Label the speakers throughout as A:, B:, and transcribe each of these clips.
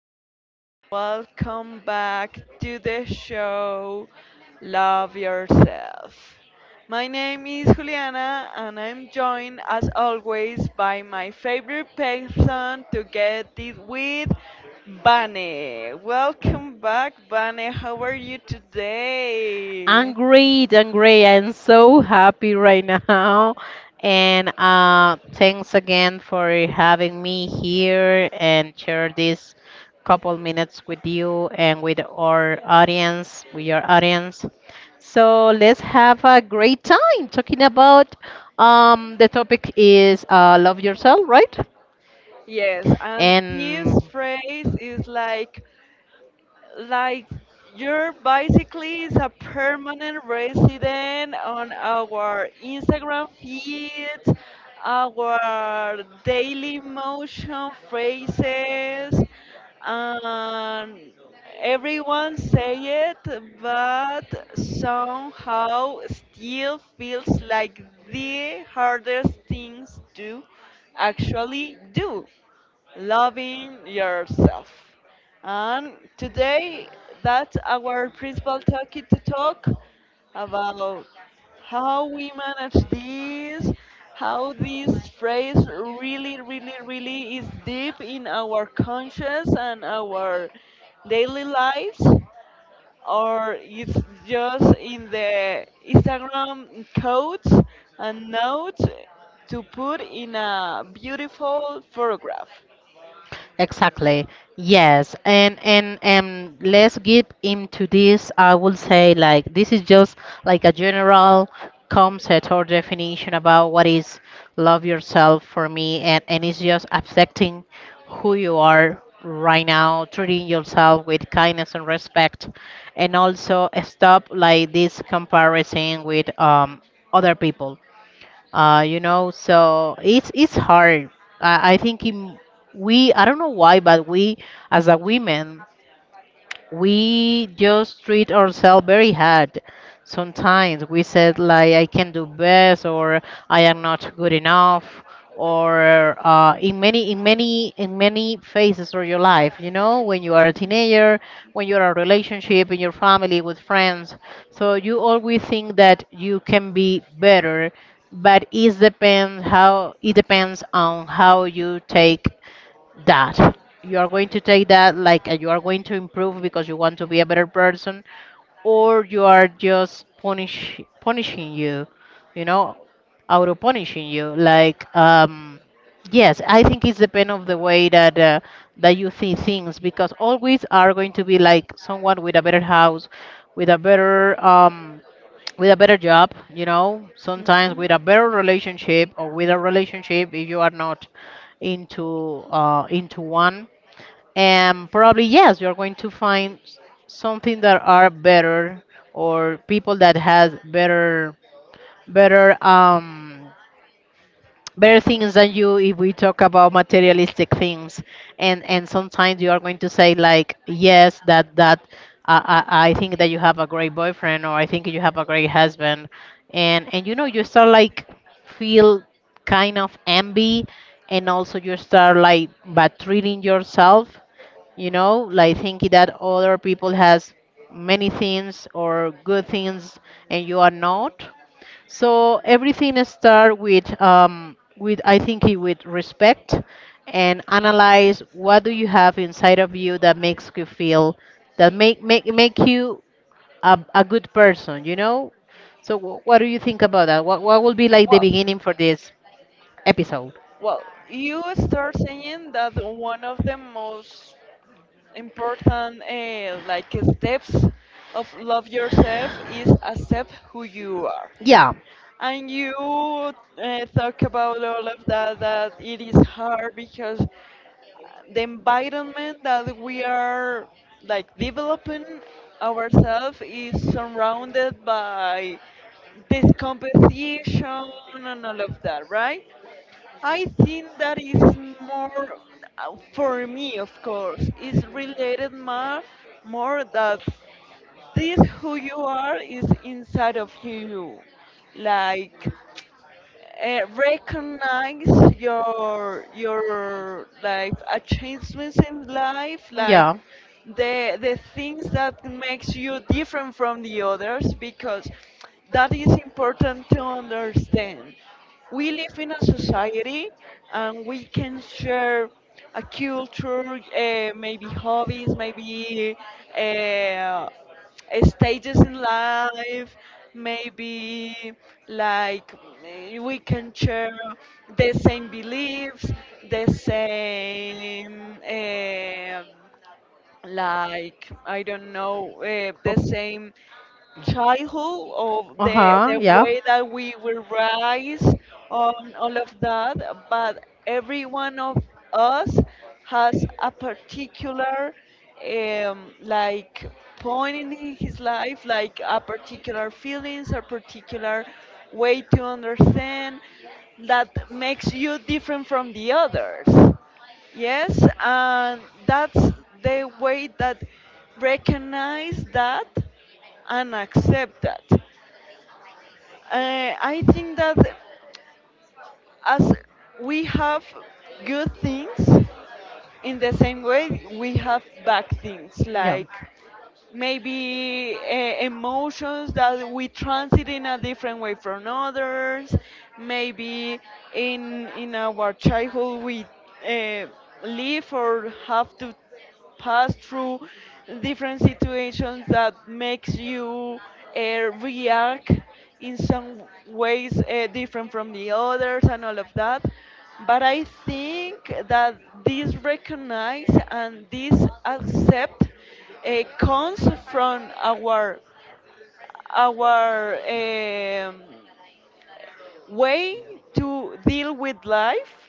A: everyone, welcome back to the show Love Yourself. My name is Juliana and I'm joined as always by my favorite person to get it with, Bane. Welcome back, Bane. How are you
B: I'm
A: today?
B: great, I'm great. I'm so happy right now. And thanks again for having me here and share this couple minutes with you and with our audience, with your audience. So let's have a great time talking about the topic is love yourself, right?
A: Yes, and this
B: And
A: phrase is like you're basically is a permanent resident on our Instagram feeds, our daily motion phrases, and everyone say it, but somehow still feels like the hardest things to actually do loving yourself. And today, that's our principal topic to talk about how we manage this, how this phrase really, really, really is deep in our conscious and our daily lives, or it's just in the Instagram codes and notes to put in a beautiful photograph.
B: exactly. Yes. And let's get into this. I will say like this is just like a general concept or definition about what is love yourself for me and it's just accepting who you are right now, treating yourself with kindness and respect and also stop like this comparison with other people you know. So it's hard. I think we I don't know why, but we as a women we just treat ourselves very hard. Sometimes we said like I can do best or I am not good enough or in many in many phases of your life, you know, when you are a teenager, when you are in a relationship in your family with friends. So you always think that you can be better, but it depends on how you take that that like you are going to improve because you want to be a better person or you are just punishing you, you know, auto punishing you like yes I think it's depend of the way that that you see things because always are going to be like someone with a better house, with a better um with a better job, you know, sometimes
A: Mhm.
B: with a better relationship or with a relationship if you are not into into one. And probably yes, you're going to find something that are better or people that has better better um better things than you if we talk about materialistic things. And sometimes you are going to say like yes that I, I think that you have a great boyfriend or I think you have a great husband. And you know you start like feel kind of envy and also you start like bad treating yourself, you know, like thinking that other people has many things or good things and you are not. So everything start with I think it with respect and analyze what do you have inside of you that makes you feel that make you a good person, you know? So what do you think about that? What will be like the
A: Well,
B: beginning for this episode?
A: well, you start saying that one of the most important like steps of love yourself is accept who you are.
B: Yeah.
A: And you talk about all of that that it is hard because the environment that we are like developing ourselves is surrounded by this competition and all of that, right? I think that is more for me, of course, is related more that this who you are is inside of you, like recognize your like achievements in life like
B: Yeah.
A: the things that makes you different from the others because that is important to understand we live in a society and we can share a culture, maybe hobbies, maybe uh, stages in life, maybe like we can share the same beliefs, the same, um like I don't know, the same childhood or the
B: Uh-huh,
A: the
B: yeah.
A: way that we will rise on all of that, but every one of us has a particular like point in his life, like a particular feelings, a particular way to understand that makes you different from the others. Yes, and that's the way that recognize that and accept that. I think that as we have good things, in the same way we have bad things
B: Yeah.
A: like, maybe emotions that we transit in a different way from others, maybe in our childhood we uh, live or have to pass through different situations that makes you react in some ways different from the others and all of that, but I think that this recognize and this accept comes from our our um, way to deal with life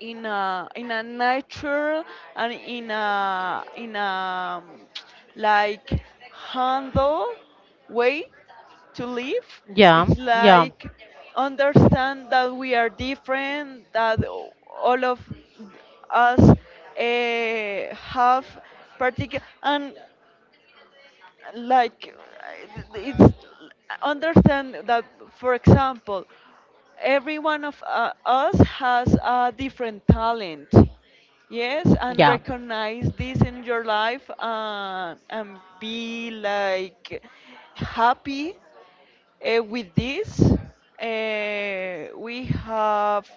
A: in a natural and in a like handle way to live.
B: Yeah.
A: It's
B: Yeah.
A: like understand that we are different, that all of us have particular and like it's understand that, for example, every one of us has a different talent. Yes, and
B: Yeah.
A: recognize this in your life, and be like happy with this. We have,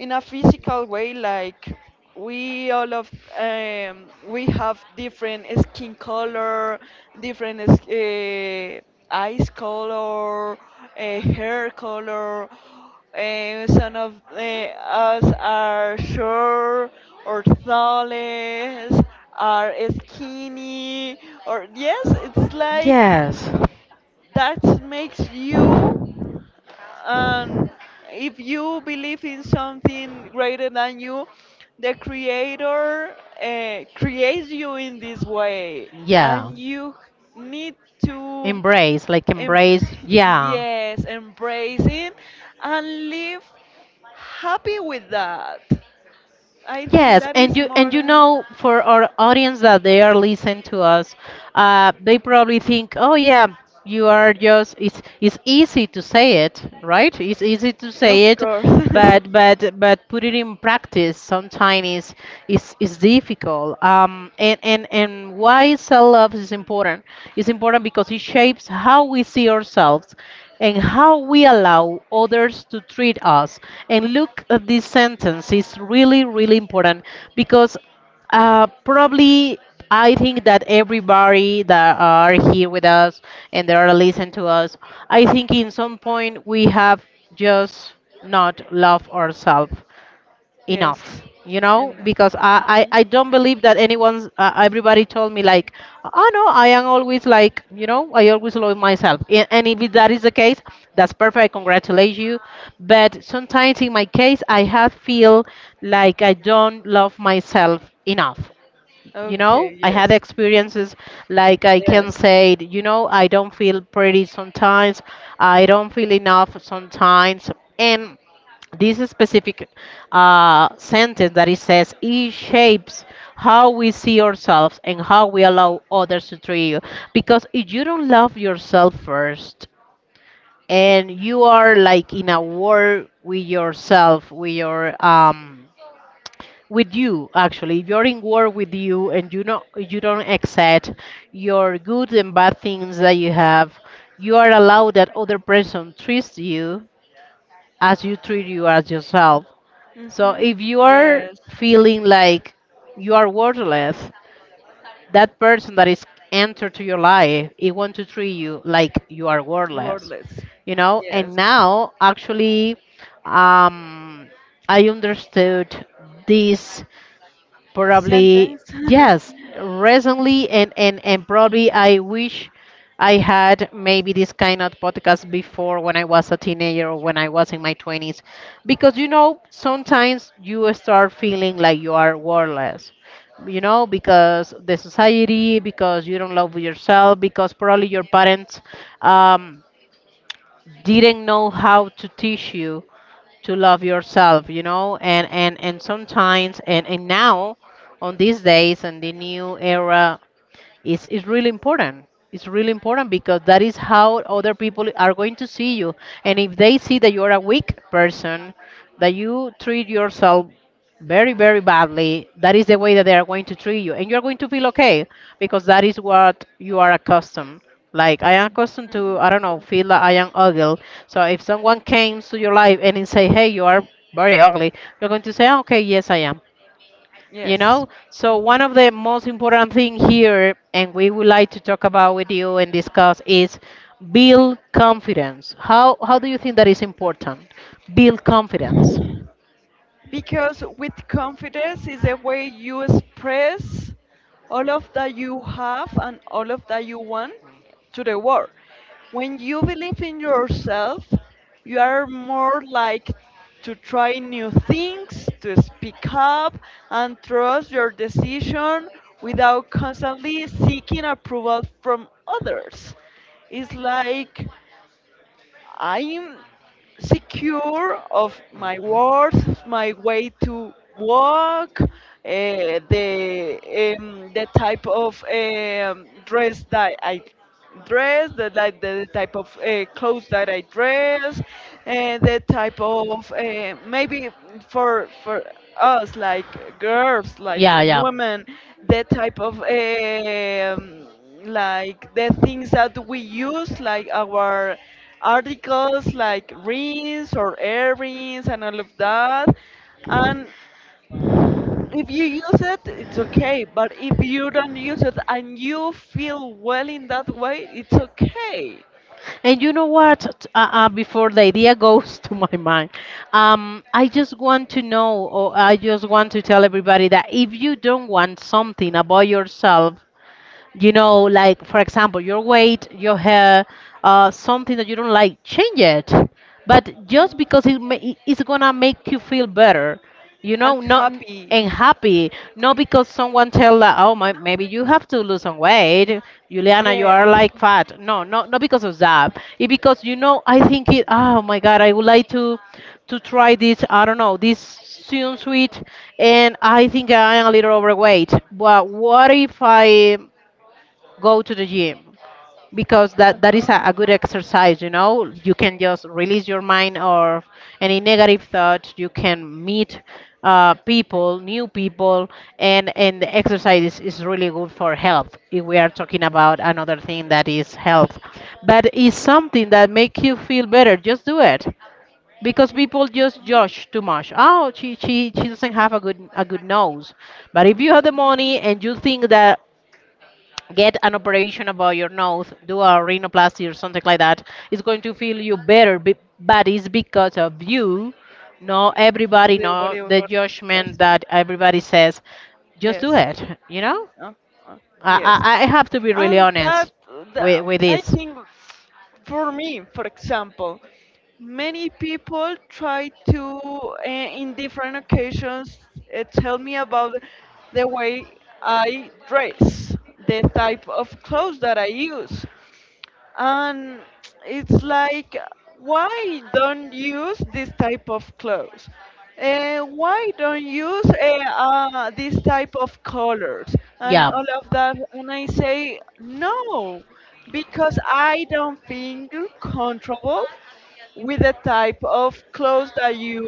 A: in a physical way, like, we all of we have different skin color, different eyes color, hair color. Some of us are short or tallest, are skinny, or yes, it's like
B: Yes.
A: that makes you. And if you believe in something greater than you, the creator creates you in this way
B: Yeah,
A: and you need to
B: embrace like
A: em-
B: embrace, yeah.
A: yes, embrace it and live happy with that. I think
B: Yes,
A: that
B: and
A: is
B: you,
A: more
B: and you
A: than.
B: know, for our audience that they are listening to us, they probably think, oh yeah, you are just it's easy to say it, right? It's easy to
A: Of
B: say it, but but put it in practice sometimes is difficult. And why self love is important? It's important because it shapes how we see ourselves and how we allow others to treat us. And look at this sentence, it's really, really important because
A: course.
B: probably I think that everybody that are here with us and that are listening to us, I think in some point we have just not loved ourselves enough.
A: Yes.
B: You know, because I don't believe that anyone's everybody told me like oh no I am always like, you know, I always love myself. And if that is the case, that's perfect, I congratulate you. But sometimes in my case I have
A: You
B: feel like I don't love myself enough. You know, I had experiences like I can say, you know, I don't feel pretty sometimes, I don't feel enough sometimes. And this specific sentence that it says it shapes how we see ourselves and how we allow others to treat you. Because if you don't love yourself first and you are like in a war with yourself, with your with you, actually if you're in war with you and you know you don't accept your good and bad things that you have, you are allowed that other person treats you as you treat you as yourself. So
A: limited.
B: if you
A: Hmm.
B: are feeling like you are worthless, that person that is entered to your life it want to treat you like you are worthless,
A: Wordless.
B: you know. And
A: Yes.
B: now actually um I understood this. Probably,
A: Sentence.
B: yes, recently, and probably I wish I had maybe this kind of podcast before when I was a teenager or when I was in my 20s. Because, you know, sometimes you start feeling like you are worthless, you know, because the society, because you don't love yourself, because probably your parents Um, didn't know how to teach you to love yourself, you know. And sometimes and now on these days and the new era it's really important. It's really important because that is how other people are going to see you. And if they see that you're a weak person, that you treat yourself very, very badly, that is the way that they are going to treat you, and you're going to feel okay because that is what you are accustomed. Like I am accustomed to, I don't know, feel that I am ugly. So if someone came to your life and they say hey you are very ugly, you're going to say, "Ah, okay, yes I am." You know, so one of the most important thing here and we would like to talk about with you and discuss is build confidence. How do you think that is important, build confidence?
A: Because with confidence is the way you express all of that you have and all of that you want to the world. When you believe in yourself, you are more like to try new things, to speak up, and trust your decision without constantly seeking approval from others. It's like I'm secure of my words, of my way to walk, the type of dress that I dress, the, like the type of clothes that I dress, and the type of maybe for us like girls, like women, the type of like the things that we use, like our articles, like rings or earrings and all of that. And if you use it, it's okay. But if you don't use it and you feel well in that way, it's okay.
B: And you know what? Before the idea goes to my mind, I just want to know, or I just want to tell everybody that if you don't want something about yourself, you know, like for example, your weight, your hair, something that you don't like, change it. But just because it's gonna make you feel better, you
A: I'm
B: know, not
A: happy.
B: and happy, not because someone tell that, oh my, maybe you have to lose some weight, Juliana, you are
A: Yes.
B: like fat. No, no, not because of that. It because, you know, I think it. Oh my God, I would like to try this. I don't know this soon sweet, and I think I am a little overweight. But what if I go to the gym? Because that is
A: Uh-huh.
B: a good exercise, you know, you can just release your mind or any negative thoughts, you can meet people, new people. And the exercise is really good for health, if we are talking about another thing that is health. But it's something that make you feel better, just do it. Because people just judge too much. Oh, she doesn't have a good nose. But if you have the money and you think that get an operation about your nose, do a rhinoplasty or something like that, it's going to feel you better, but it's because of you. Not
A: Don't
B: everybody,
A: do
B: know the
A: whatever
B: judgment
A: person.
B: that everybody says, just do
A: Yes.
B: it, you know?
A: Uh, uh, yes.
B: I have to be really
A: And that,
B: honest
A: that,
B: with
A: I
B: this.
A: think, for me, for example, many people try to, in different occasions, tell me about the way I dress, the type of clothes that I use, and it's like why don't use this type of clothes, why don't use this type of colors and all of that, and I say no because I don't feel comfortable with the type of clothes that you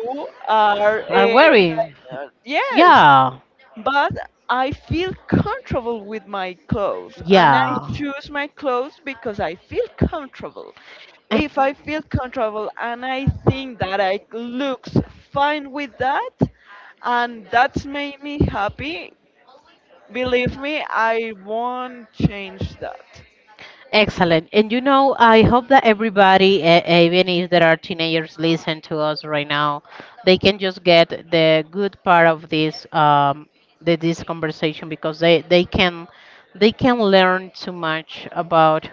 A: are
B: Are
A: like,
B: like,
A: yes,
B: yeah.
A: but I feel comfortable with my clothes and I
B: Yeah.
A: choose my clothes because I feel comfortable. If I feel comfortable and I think that I looks fine with that and that's made me happy, believe me, I won't change that.
B: And- excellent. And you know, I hope that everybody, even if there are teenagers, listen to us right now. They can just get the good part of this, the, this conversation because they can learn too much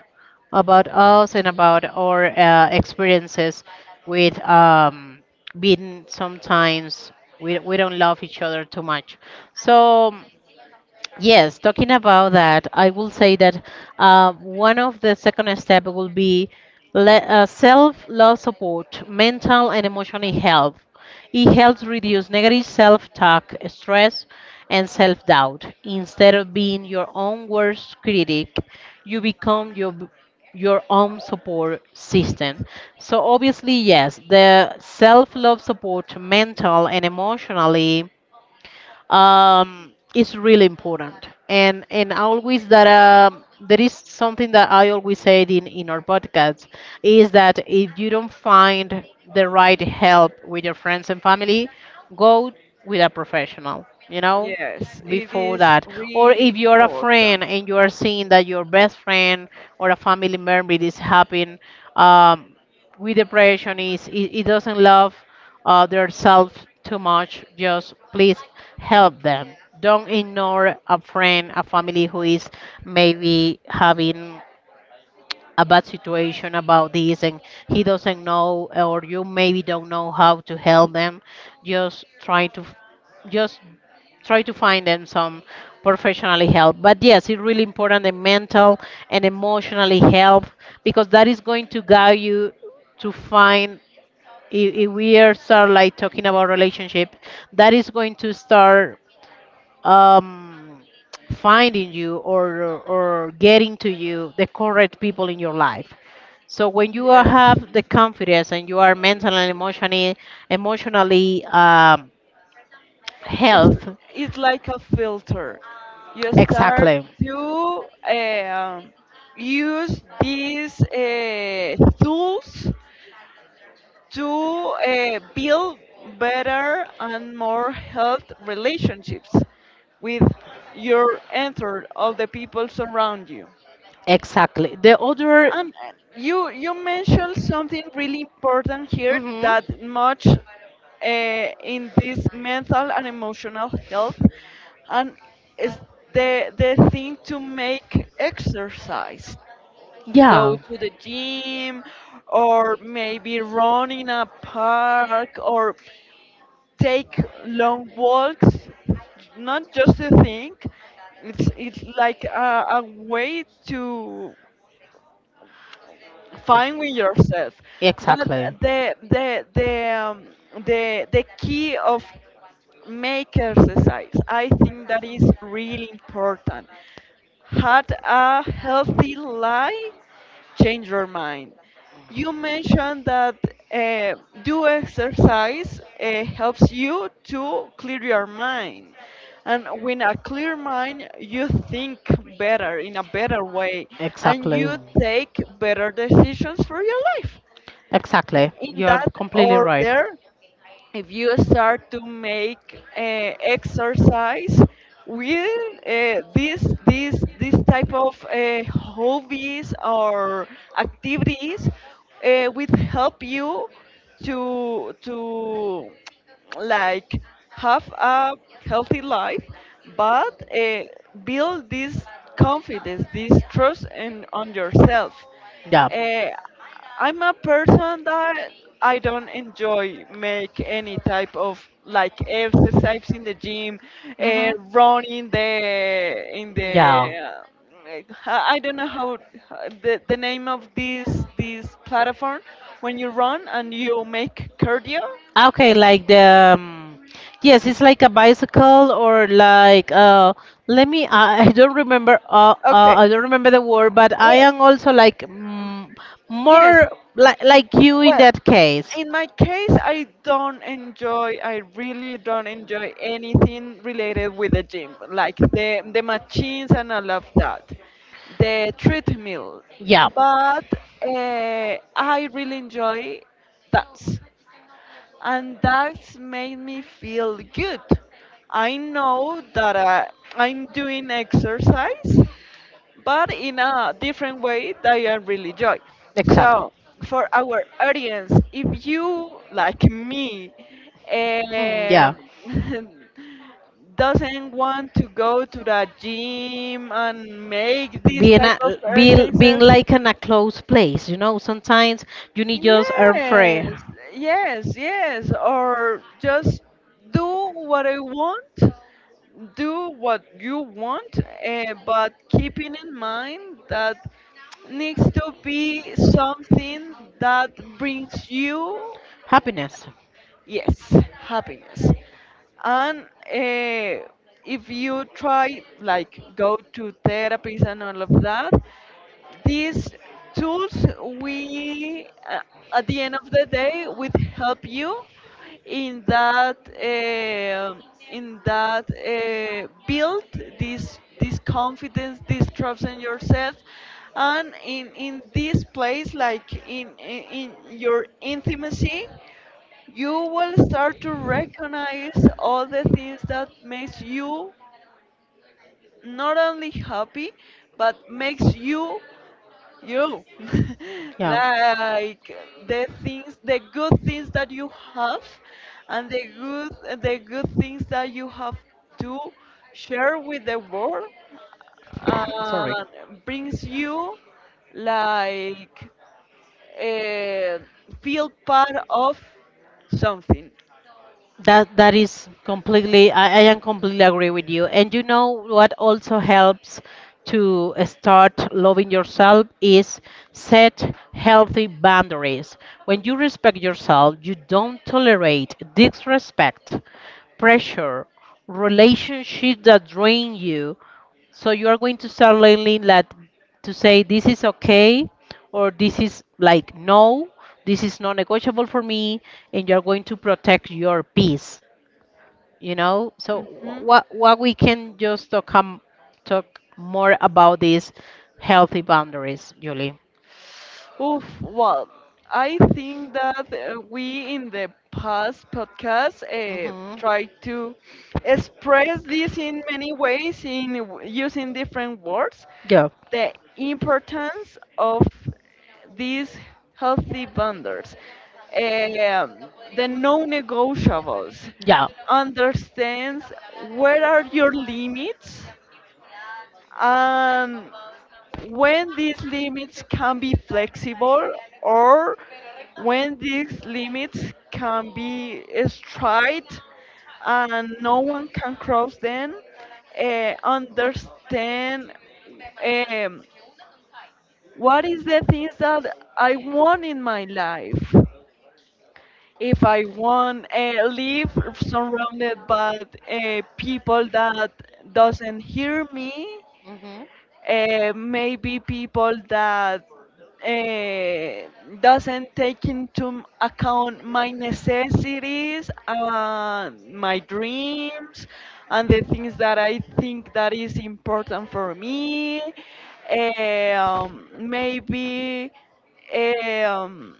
B: about us and about our experiences with being sometimes we don't love each other too much. So. Yes, talking about that, I will say that one of the second step will be le self-love support, mental and emotional health. It helps reduce negative self-talk, stress, and self-doubt. Instead of being your own worst critic, you become your your own support system. So obviously, yes, the self-love support, mental and emotionally is really important. And always that there is something that I always said in our podcast is that if you don't find the right help with your friends and family, go with a professional. You know,
A: Yes, it
B: before
A: is
B: that, or
A: really
B: if you're a
A: important.
B: friend and you are seeing that your best friend or a family member is having. Um, with depression is it doesn't love themselves too much, just please help them. Don't ignore a friend, a family who is maybe having a bad situation about this, and he doesn't know, or you maybe don't know how to help them. Just try to f- just try to find them some professionally help. But yes, it's really important the mental and emotionally help, because that is going to guide you to find, if we are start like talking about relationship, that is going to start um, finding you, or getting to you the correct people in your life. So when you are-
A: Yes.
B: have the confidence and you are mentally and emotionally, emotionally
A: It's
B: health,
A: it's like a filter. You start
B: exactly.
A: to use these tools to build better and more health relationships with your entered all the people around you.
B: Exactly. The other
A: And you you mentioned something really important here that much in this mental and emotional health, and is the thing to make exercise, go
B: yeah.
A: to the gym, or maybe run in a park, or take long walks. Not just a thing, it's like a way to fine with yourself, but
B: Exactly.
A: the the the um, the key of make exercise, I think that is really important, had a healthy life. Change your mind? You mentioned that uh, do exercise helps you to clear your mind. And with a clear mind, you think better in a better way and
B: Exactly.
A: you take better decisions for your life.
B: Exactly.
A: In
B: You're
A: that
B: completely right.
A: order, if you start to make exercise with uh, this type of hobbies or activities, will help you to like have a healthy life, but build this confidence, this trust in, on yourself.
B: Yeah.
A: uh, I'm a person that I don't enjoy make any type of like exercise in the gym,
B: Mhm.
A: running the in the
B: Yeah.
A: uh, I don't know how the name of this platform when you run and you make cardio.
B: Okay, like the yes, it's like a bicycle or like let me I don't remember
A: Okay.
B: I don't remember the word, but I
A: Well,
B: am also like mm,
A: yes.
B: more like you in
A: Well,
B: that case.
A: in my case, I don't enjoy. I really don't enjoy anything related with the gym, like the machines and all of that, the treadmill.
B: Yeah.
A: But I really enjoy dance and that's made me feel good. I know that I'm doing exercise, but in a different way that I really enjoy.
B: Exactly.
A: So, for our audience, if you, like me, um, doesn't want to go to the gym and make these type of
B: Being
A: exercises,
B: like in a closed place, you know, sometimes you need just air
A: yes,
B: free
A: yes, yes. Or just do what I want, do what you want, but keeping in mind that needs to be something that brings you.
B: happiness.
A: Yes, happiness. And uh, if you try, like, go to therapies and all of that, these tools we, at the end of the day, would help you in that um build this confidence, this trust in yourself, and in this place, like in in your intimacy, you will start to recognize all the things that makes you not only happy but makes you you
B: Yeah.
A: like the things, the good things that you have, and the good things that you have to share with the world
B: Sorry.
A: and brings you like uh, feel part of something.
B: That is completely. I am completely agree with you. And you know what also helps to start loving yourself is set healthy boundaries. When you respect yourself, you don't tolerate disrespect, pressure, relationships that drain you. So you are going to start learning that to say this is okay, or this is like no, this is non-negotiable for me, and you're going to protect your peace, you know. So wh-
A: Mhm.
B: what what we can just talk, talk more about these healthy boundaries, Julie.
A: Oof, well, I think that we in the past podcast
B: Mhm.
A: tried to express this in many ways in using different words.
B: Yeah.
A: The importance of these healthy boundaries, um, the non-negotiables,
B: Yeah.
A: understands where are your limits, um, when these limits can be flexible or when these limits can be straight and no one can cross them, understand, um, what is the things that I want in my life. If I want live surrounded by people that doesn't hear me,
B: Hmm.
A: maybe people that uh, doesn't take into account my necessities and my dreams and the things that I think that is important for me. Maybe eh, um,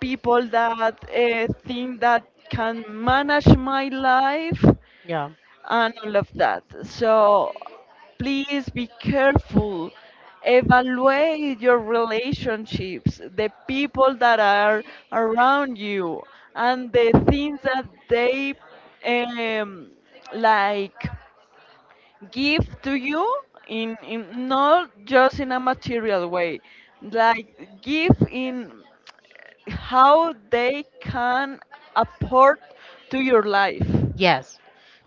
A: people that think that can manage my life
B: Yeah.
A: and all of that. So please be careful. Evaluate your relationships, the people that are around you, and the things that they um, like give to you in not just in a material way, like give in how they can apport to your life.
B: Yes,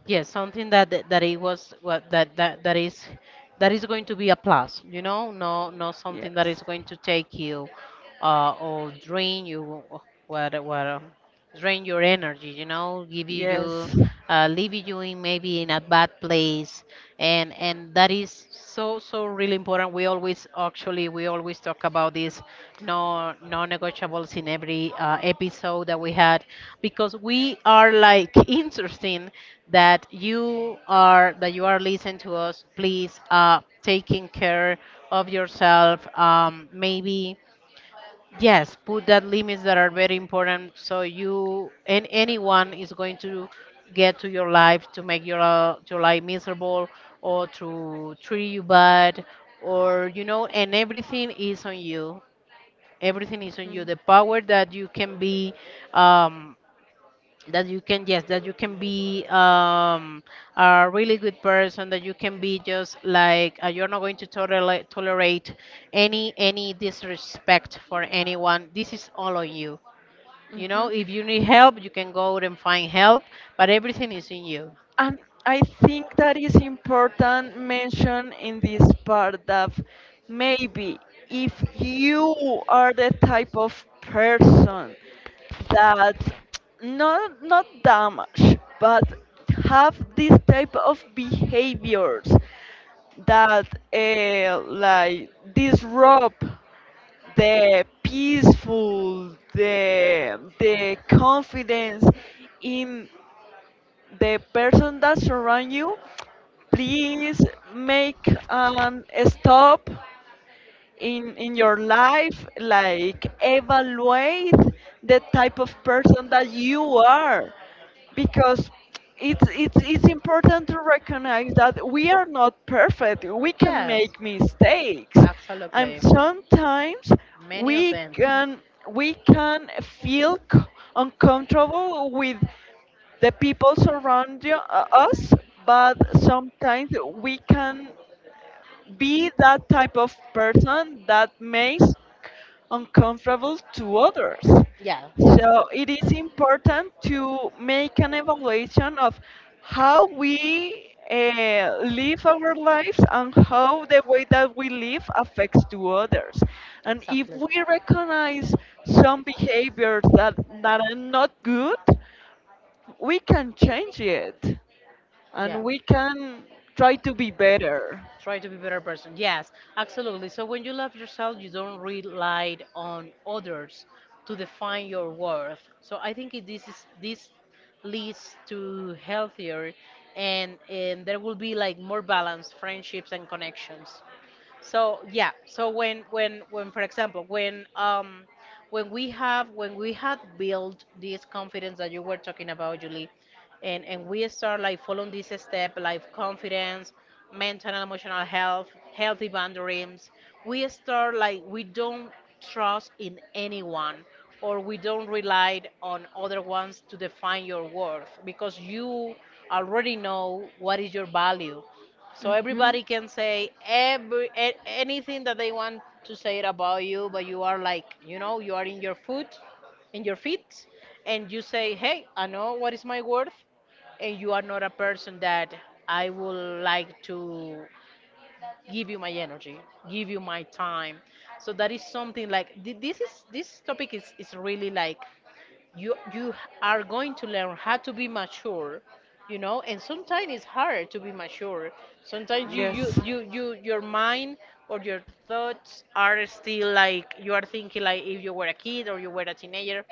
B: yes, something that that it was what that is that is going to be a plus, you know. No, something that is
A: Yes.
B: going to take you or drain you, what drain your energy, you know, give you
A: Yes.
B: leave you in maybe in a bad place. And that is so so really important. We always, actually we always talk about this, no non-negotiables in every episode that we had, because we are like interesting that you are listening to us. Please taking care of yourself, maybe yes, put that limits that are very important, so you and anyone is going to get to your life to make your life miserable or to treat you bad, or you know. And everything is on you. Everything is on
A: Yes.
B: you. The power that you can be um, that you can, yes, that you can be a really good person, that you can be just like, you're not going to tolerate any disrespect for anyone. This is all on you, you know.
A: Mhm.
B: If you need help, you can go out and find help, but everything is in you.
A: And I think that is important mention in this part that maybe if you are the type of person that not damage but have this type of behaviors that like disrupt the peaceful, the confidence in the person that surround you, please make an stop in your life, like evaluate the type of person that you are, because it's important to recognize that we are not perfect, we can
B: Yes,
A: make mistakes, and
B: absolutely.
A: sometimes
B: Many of
A: we
B: them.
A: can we can feel uncomfortable with the people surrounding us, but sometimes we can be that type of person that makes uncomfortable to others.
B: Yeah, yeah.
A: So it is important to make an evaluation of how we live our lives and how the way that we live affects to others. And if
B: Exactly.
A: we recognize some behaviors that, that are not good, we can change it and
B: Yeah.
A: we can try to be better.
B: Try to be better person. Yes, absolutely. So when you love yourself, you don't rely on others to define your worth. So I think this leads to healthier, and there will be like more balanced friendships and connections. So yeah, so when for example when we have when we had built this confidence that you were talking about, Julie, and we start like following this step, like confidence, mental and emotional health, healthy boundaries, we start like we don't trust in anyone, or we don't rely on other ones to define your worth, because you already know what is your value. So everybody can say anything that they want to say it about you, but you are like, you know, you are in your foot, in your feet, and you say, "Hey, I know what is my worth," and you are not a person that I would like to give you my energy, give you my time. So that is something like this topic is really like
A: You
B: you are going to learn how to be mature, you know. And sometimes it's hard to be mature. Sometimes you your mind or your thoughts are still like you are thinking like if you were a kid or you were a teenager,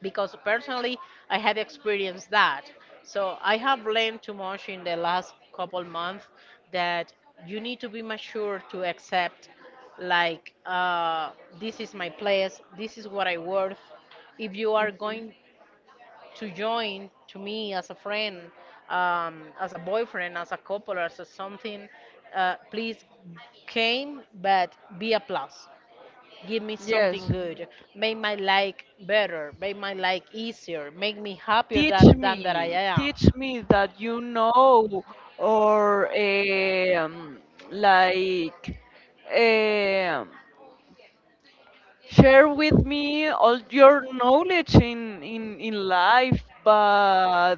B: because personally I have experienced that. So I have learned too much in the last couple months, that you need to be mature to accept, like this is my place, this is what I worth. If you are going to join to me as a friend, as a boyfriend, as a couple, as a something, please came, but be a plus. Give me something
A: Yes.
B: good. Make my life better. Make my life easier. Make me happier than that I am.
A: Teach me that you know, or like um, share with me all your knowledge in in life, but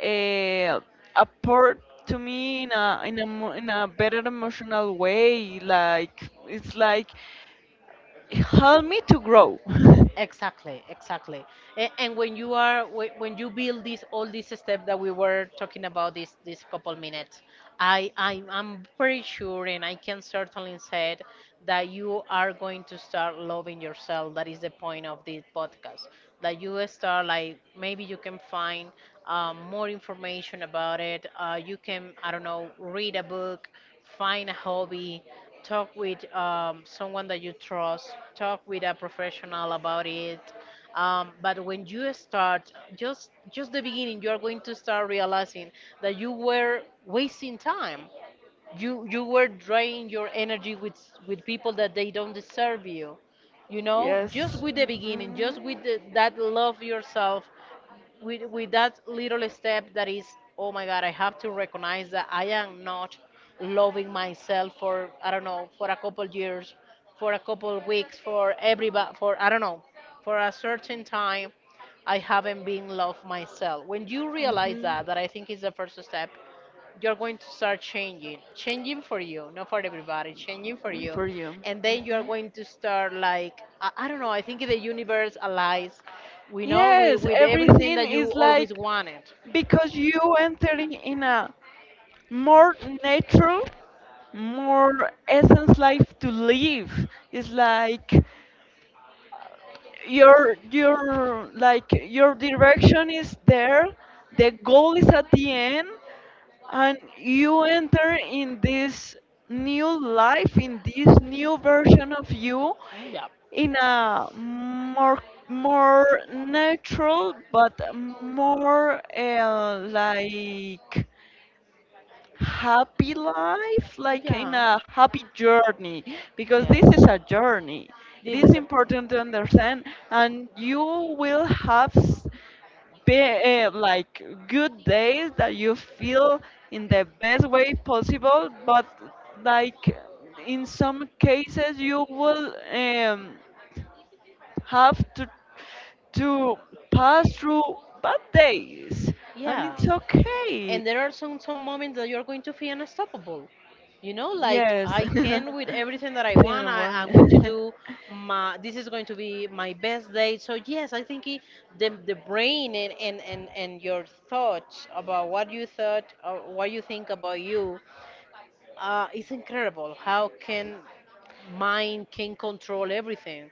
A: uh, apport to me in a in a in a better emotional way. Like it's like help me to grow.
B: Exactly, exactly. And when you are whe- when you build this all these steps that we were talking about this this couple minutes, I'm pretty sure and I can certainly say it, that you are going to start loving yourself. That is the point of this podcast. That you start like maybe you can find more information about it. You can, I don't know, read a book, find a hobby, talk with someone that you trust, talk with a professional about it. But when you start, just the beginning, you are going to start realizing that you were wasting time. You were draining your energy with people that they don't deserve you. You know, just with the beginning, just
A: Mhm.
B: with the, that love yourself, with that little step that is, oh my god, I have to recognize that I am not loving myself for, I don't know, for a couple years, for a couple weeks, for everybody, for I don't know, for a certain time. I haven't been love myself. When you realize that, I think is the first step. You're going to start changing for you, not for everybody,
A: For
B: changing for
A: Mhm. you,
B: you.
A: for you.
B: And then you're going to start like, I don't know, I think the universe allies, we
A: With you.
B: know, with,
A: Yes,
B: with everything that
A: everything
B: you
A: is
B: always
A: like,
B: wanted.
A: because you entering in a more natural, more essence life to live. It's like your like your direction is there, the goal is at the end, and you enter in this new life, in this new version of you,
B: Mm,
A: in a more more natural but more like happy life, like in
B: yeah.
A: a happy journey,
B: Yeah.
A: because this
B: Yes,
A: is a journey. It
B: this is
A: is
B: a
A: important to understand, and you will have be, like good days that you feel in the best way possible, but like in some cases you will. Have to pass through bad days, and
B: yeah.
A: it's
B: And
A: okay.
B: there are some moments that you're going to feel unstoppable, you know, like
A: Yes.
B: I can with everything that I want.
A: Didn't
B: I,
A: want
B: i'm going to
A: it.
B: do my, this is going to be my best day. So yes, I think it, the brain and your thoughts about what you thought or what you think about you, is incredible how can mind can control everything.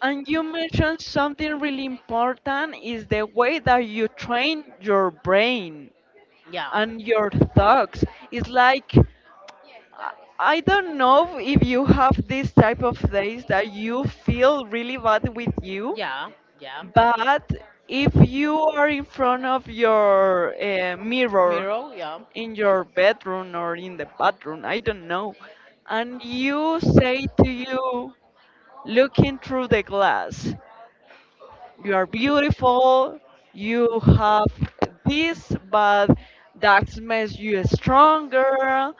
A: And you mentioned something really important is the way that you train your brain
B: Yeah.
A: and your thoughts. It's like I I don't know if you have this type of days that you feel really bad with you.
B: Yeah, yeah.
A: But if you are in front of your mirror in your bedroom or in the bathroom, I don't know, and you say to you, looking through the glass, you are beautiful, you have this, but that makes you stronger,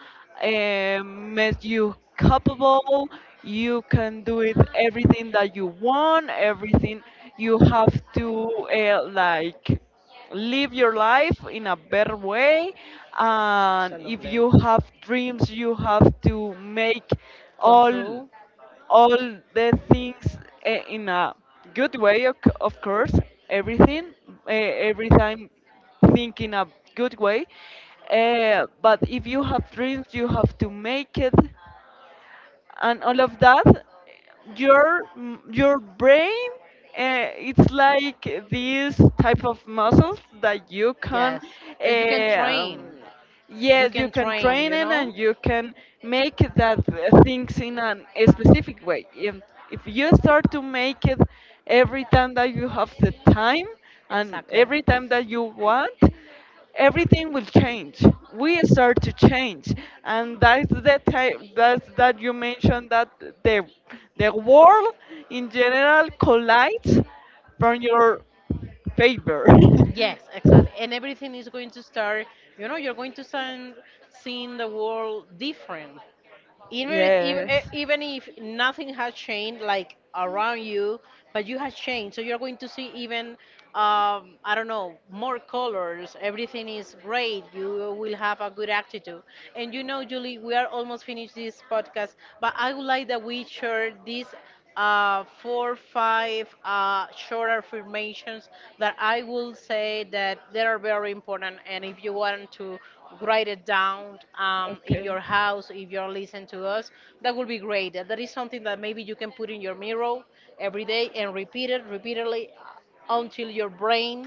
A: and makes you capable. You can do it everything that you want, everything. You have to like live your life in a better way, and if you have dreams you have to make all all the things in a good way, of, of course, everything, every time think in a good way. But if you have dreams, you have to make it, and all of that your your brain it's like these type of muscles that you can
B: That you can train.
A: um,
B: You
A: yes, you can train it, and you can make that things in an, a specific way, and if you start to make it every time that you have the time and every time that you want, everything will change. We start to change, and that's the type, that's that you mentioned, that the the world in general collides from your favor.
B: yes, exactly. And everything is going to start, you know, you're going to start seeing the world different. even if, e- Even if nothing has changed like around you, but you have changed, so you're going to see even I don't know, more colors, everything is great, you will have a good attitude. And you know, Julie,
A: Yes.
B: we are almost finished this podcast, but I would like that we share this four five short affirmations, that I will say that they are very important. And if you want to write it down in your house, if you're listening to us, that would be great. That is something that maybe you can put in your mirror every day and repeat it repeatedly until your brain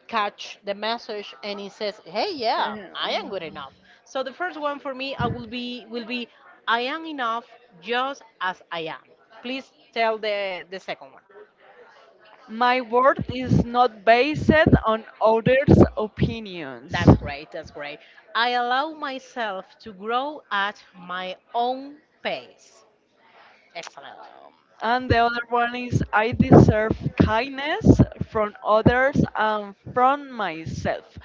B: catch the message and he says, "Hey, yeah,
A: Okay.
B: I am good enough."
A: Oh.
B: So the first one for me, I will be, "I am enough just as I am." Please tell the second one.
A: My worth is not based on others'
B: That's
A: opinions.
B: great. That's great. I allow myself to grow at my own pace. Excellent.
A: Um, and the other one is I deserve kindness from others and from myself.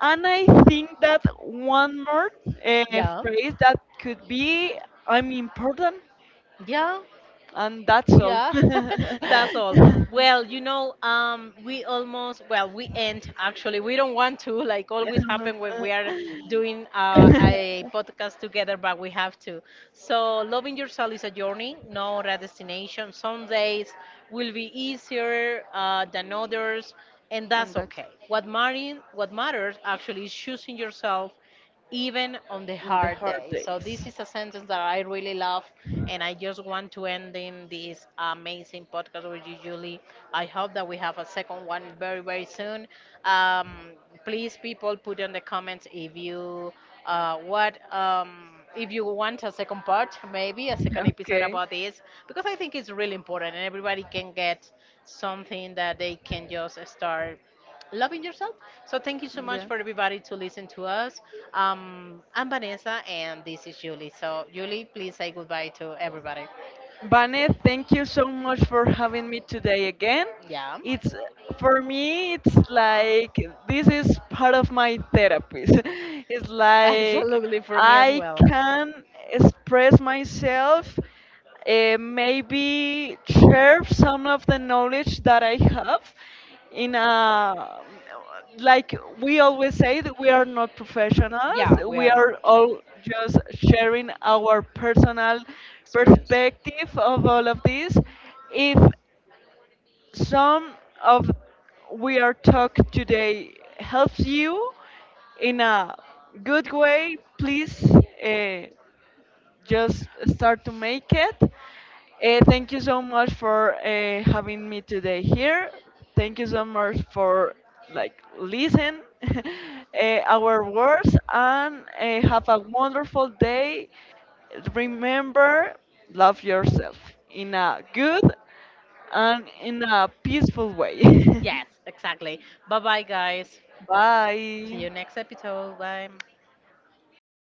A: And I think that one more
B: Yeah.
A: phrase that could be I'm important,
B: Yeah.
A: and that's all.
B: Yeah, that's all. Well, you know, we almost, well, we end actually. We don't want to, like always happen when we are doing a podcast together, but we have to. So, loving yourself is a journey, not a destination. Some days will be easier than others, and that's
A: And
B: okay.
A: that's
B: What matters actually is choosing yourself even on the
A: Mm,
B: hard
A: the hard
B: day. So this
A: days.
B: is a sentence that I really love, and I just want to end in this amazing podcast with you, Julie. I hope that we have a second one very very soon. Um, please, people, put in the comments if you what if you want a second part, maybe a second episode
A: Okay.
B: about this, because I think it's really important, and everybody can get something that they can just start loving yourself. So thank you so much for
A: Yeah.
B: everybody to listen to us. I'm Vanessa and this is Julie. So Julie, please say goodbye to everybody.
A: Vane, thank you so much for having me today again.
B: Yeah.
A: It's for me, it's like this is part of my therapist. It's like
B: Absolutely for me as
A: I
B: well.
A: can express myself, maybe share some of the knowledge that I have in a like, we always say that we are not professionals, we are all just sharing our personal perspective of all of this. If some of we are talk today helps you in a good way, please, uh, just start to make it. Uh, thank you so much for having me today here, thank you so much for like listen our words, and have a wonderful day. Remember, love yourself in a good and in a peaceful way.
B: Yes, exactly. Bye bye, guys. See you
A: Bye.
B: next episode. Bye.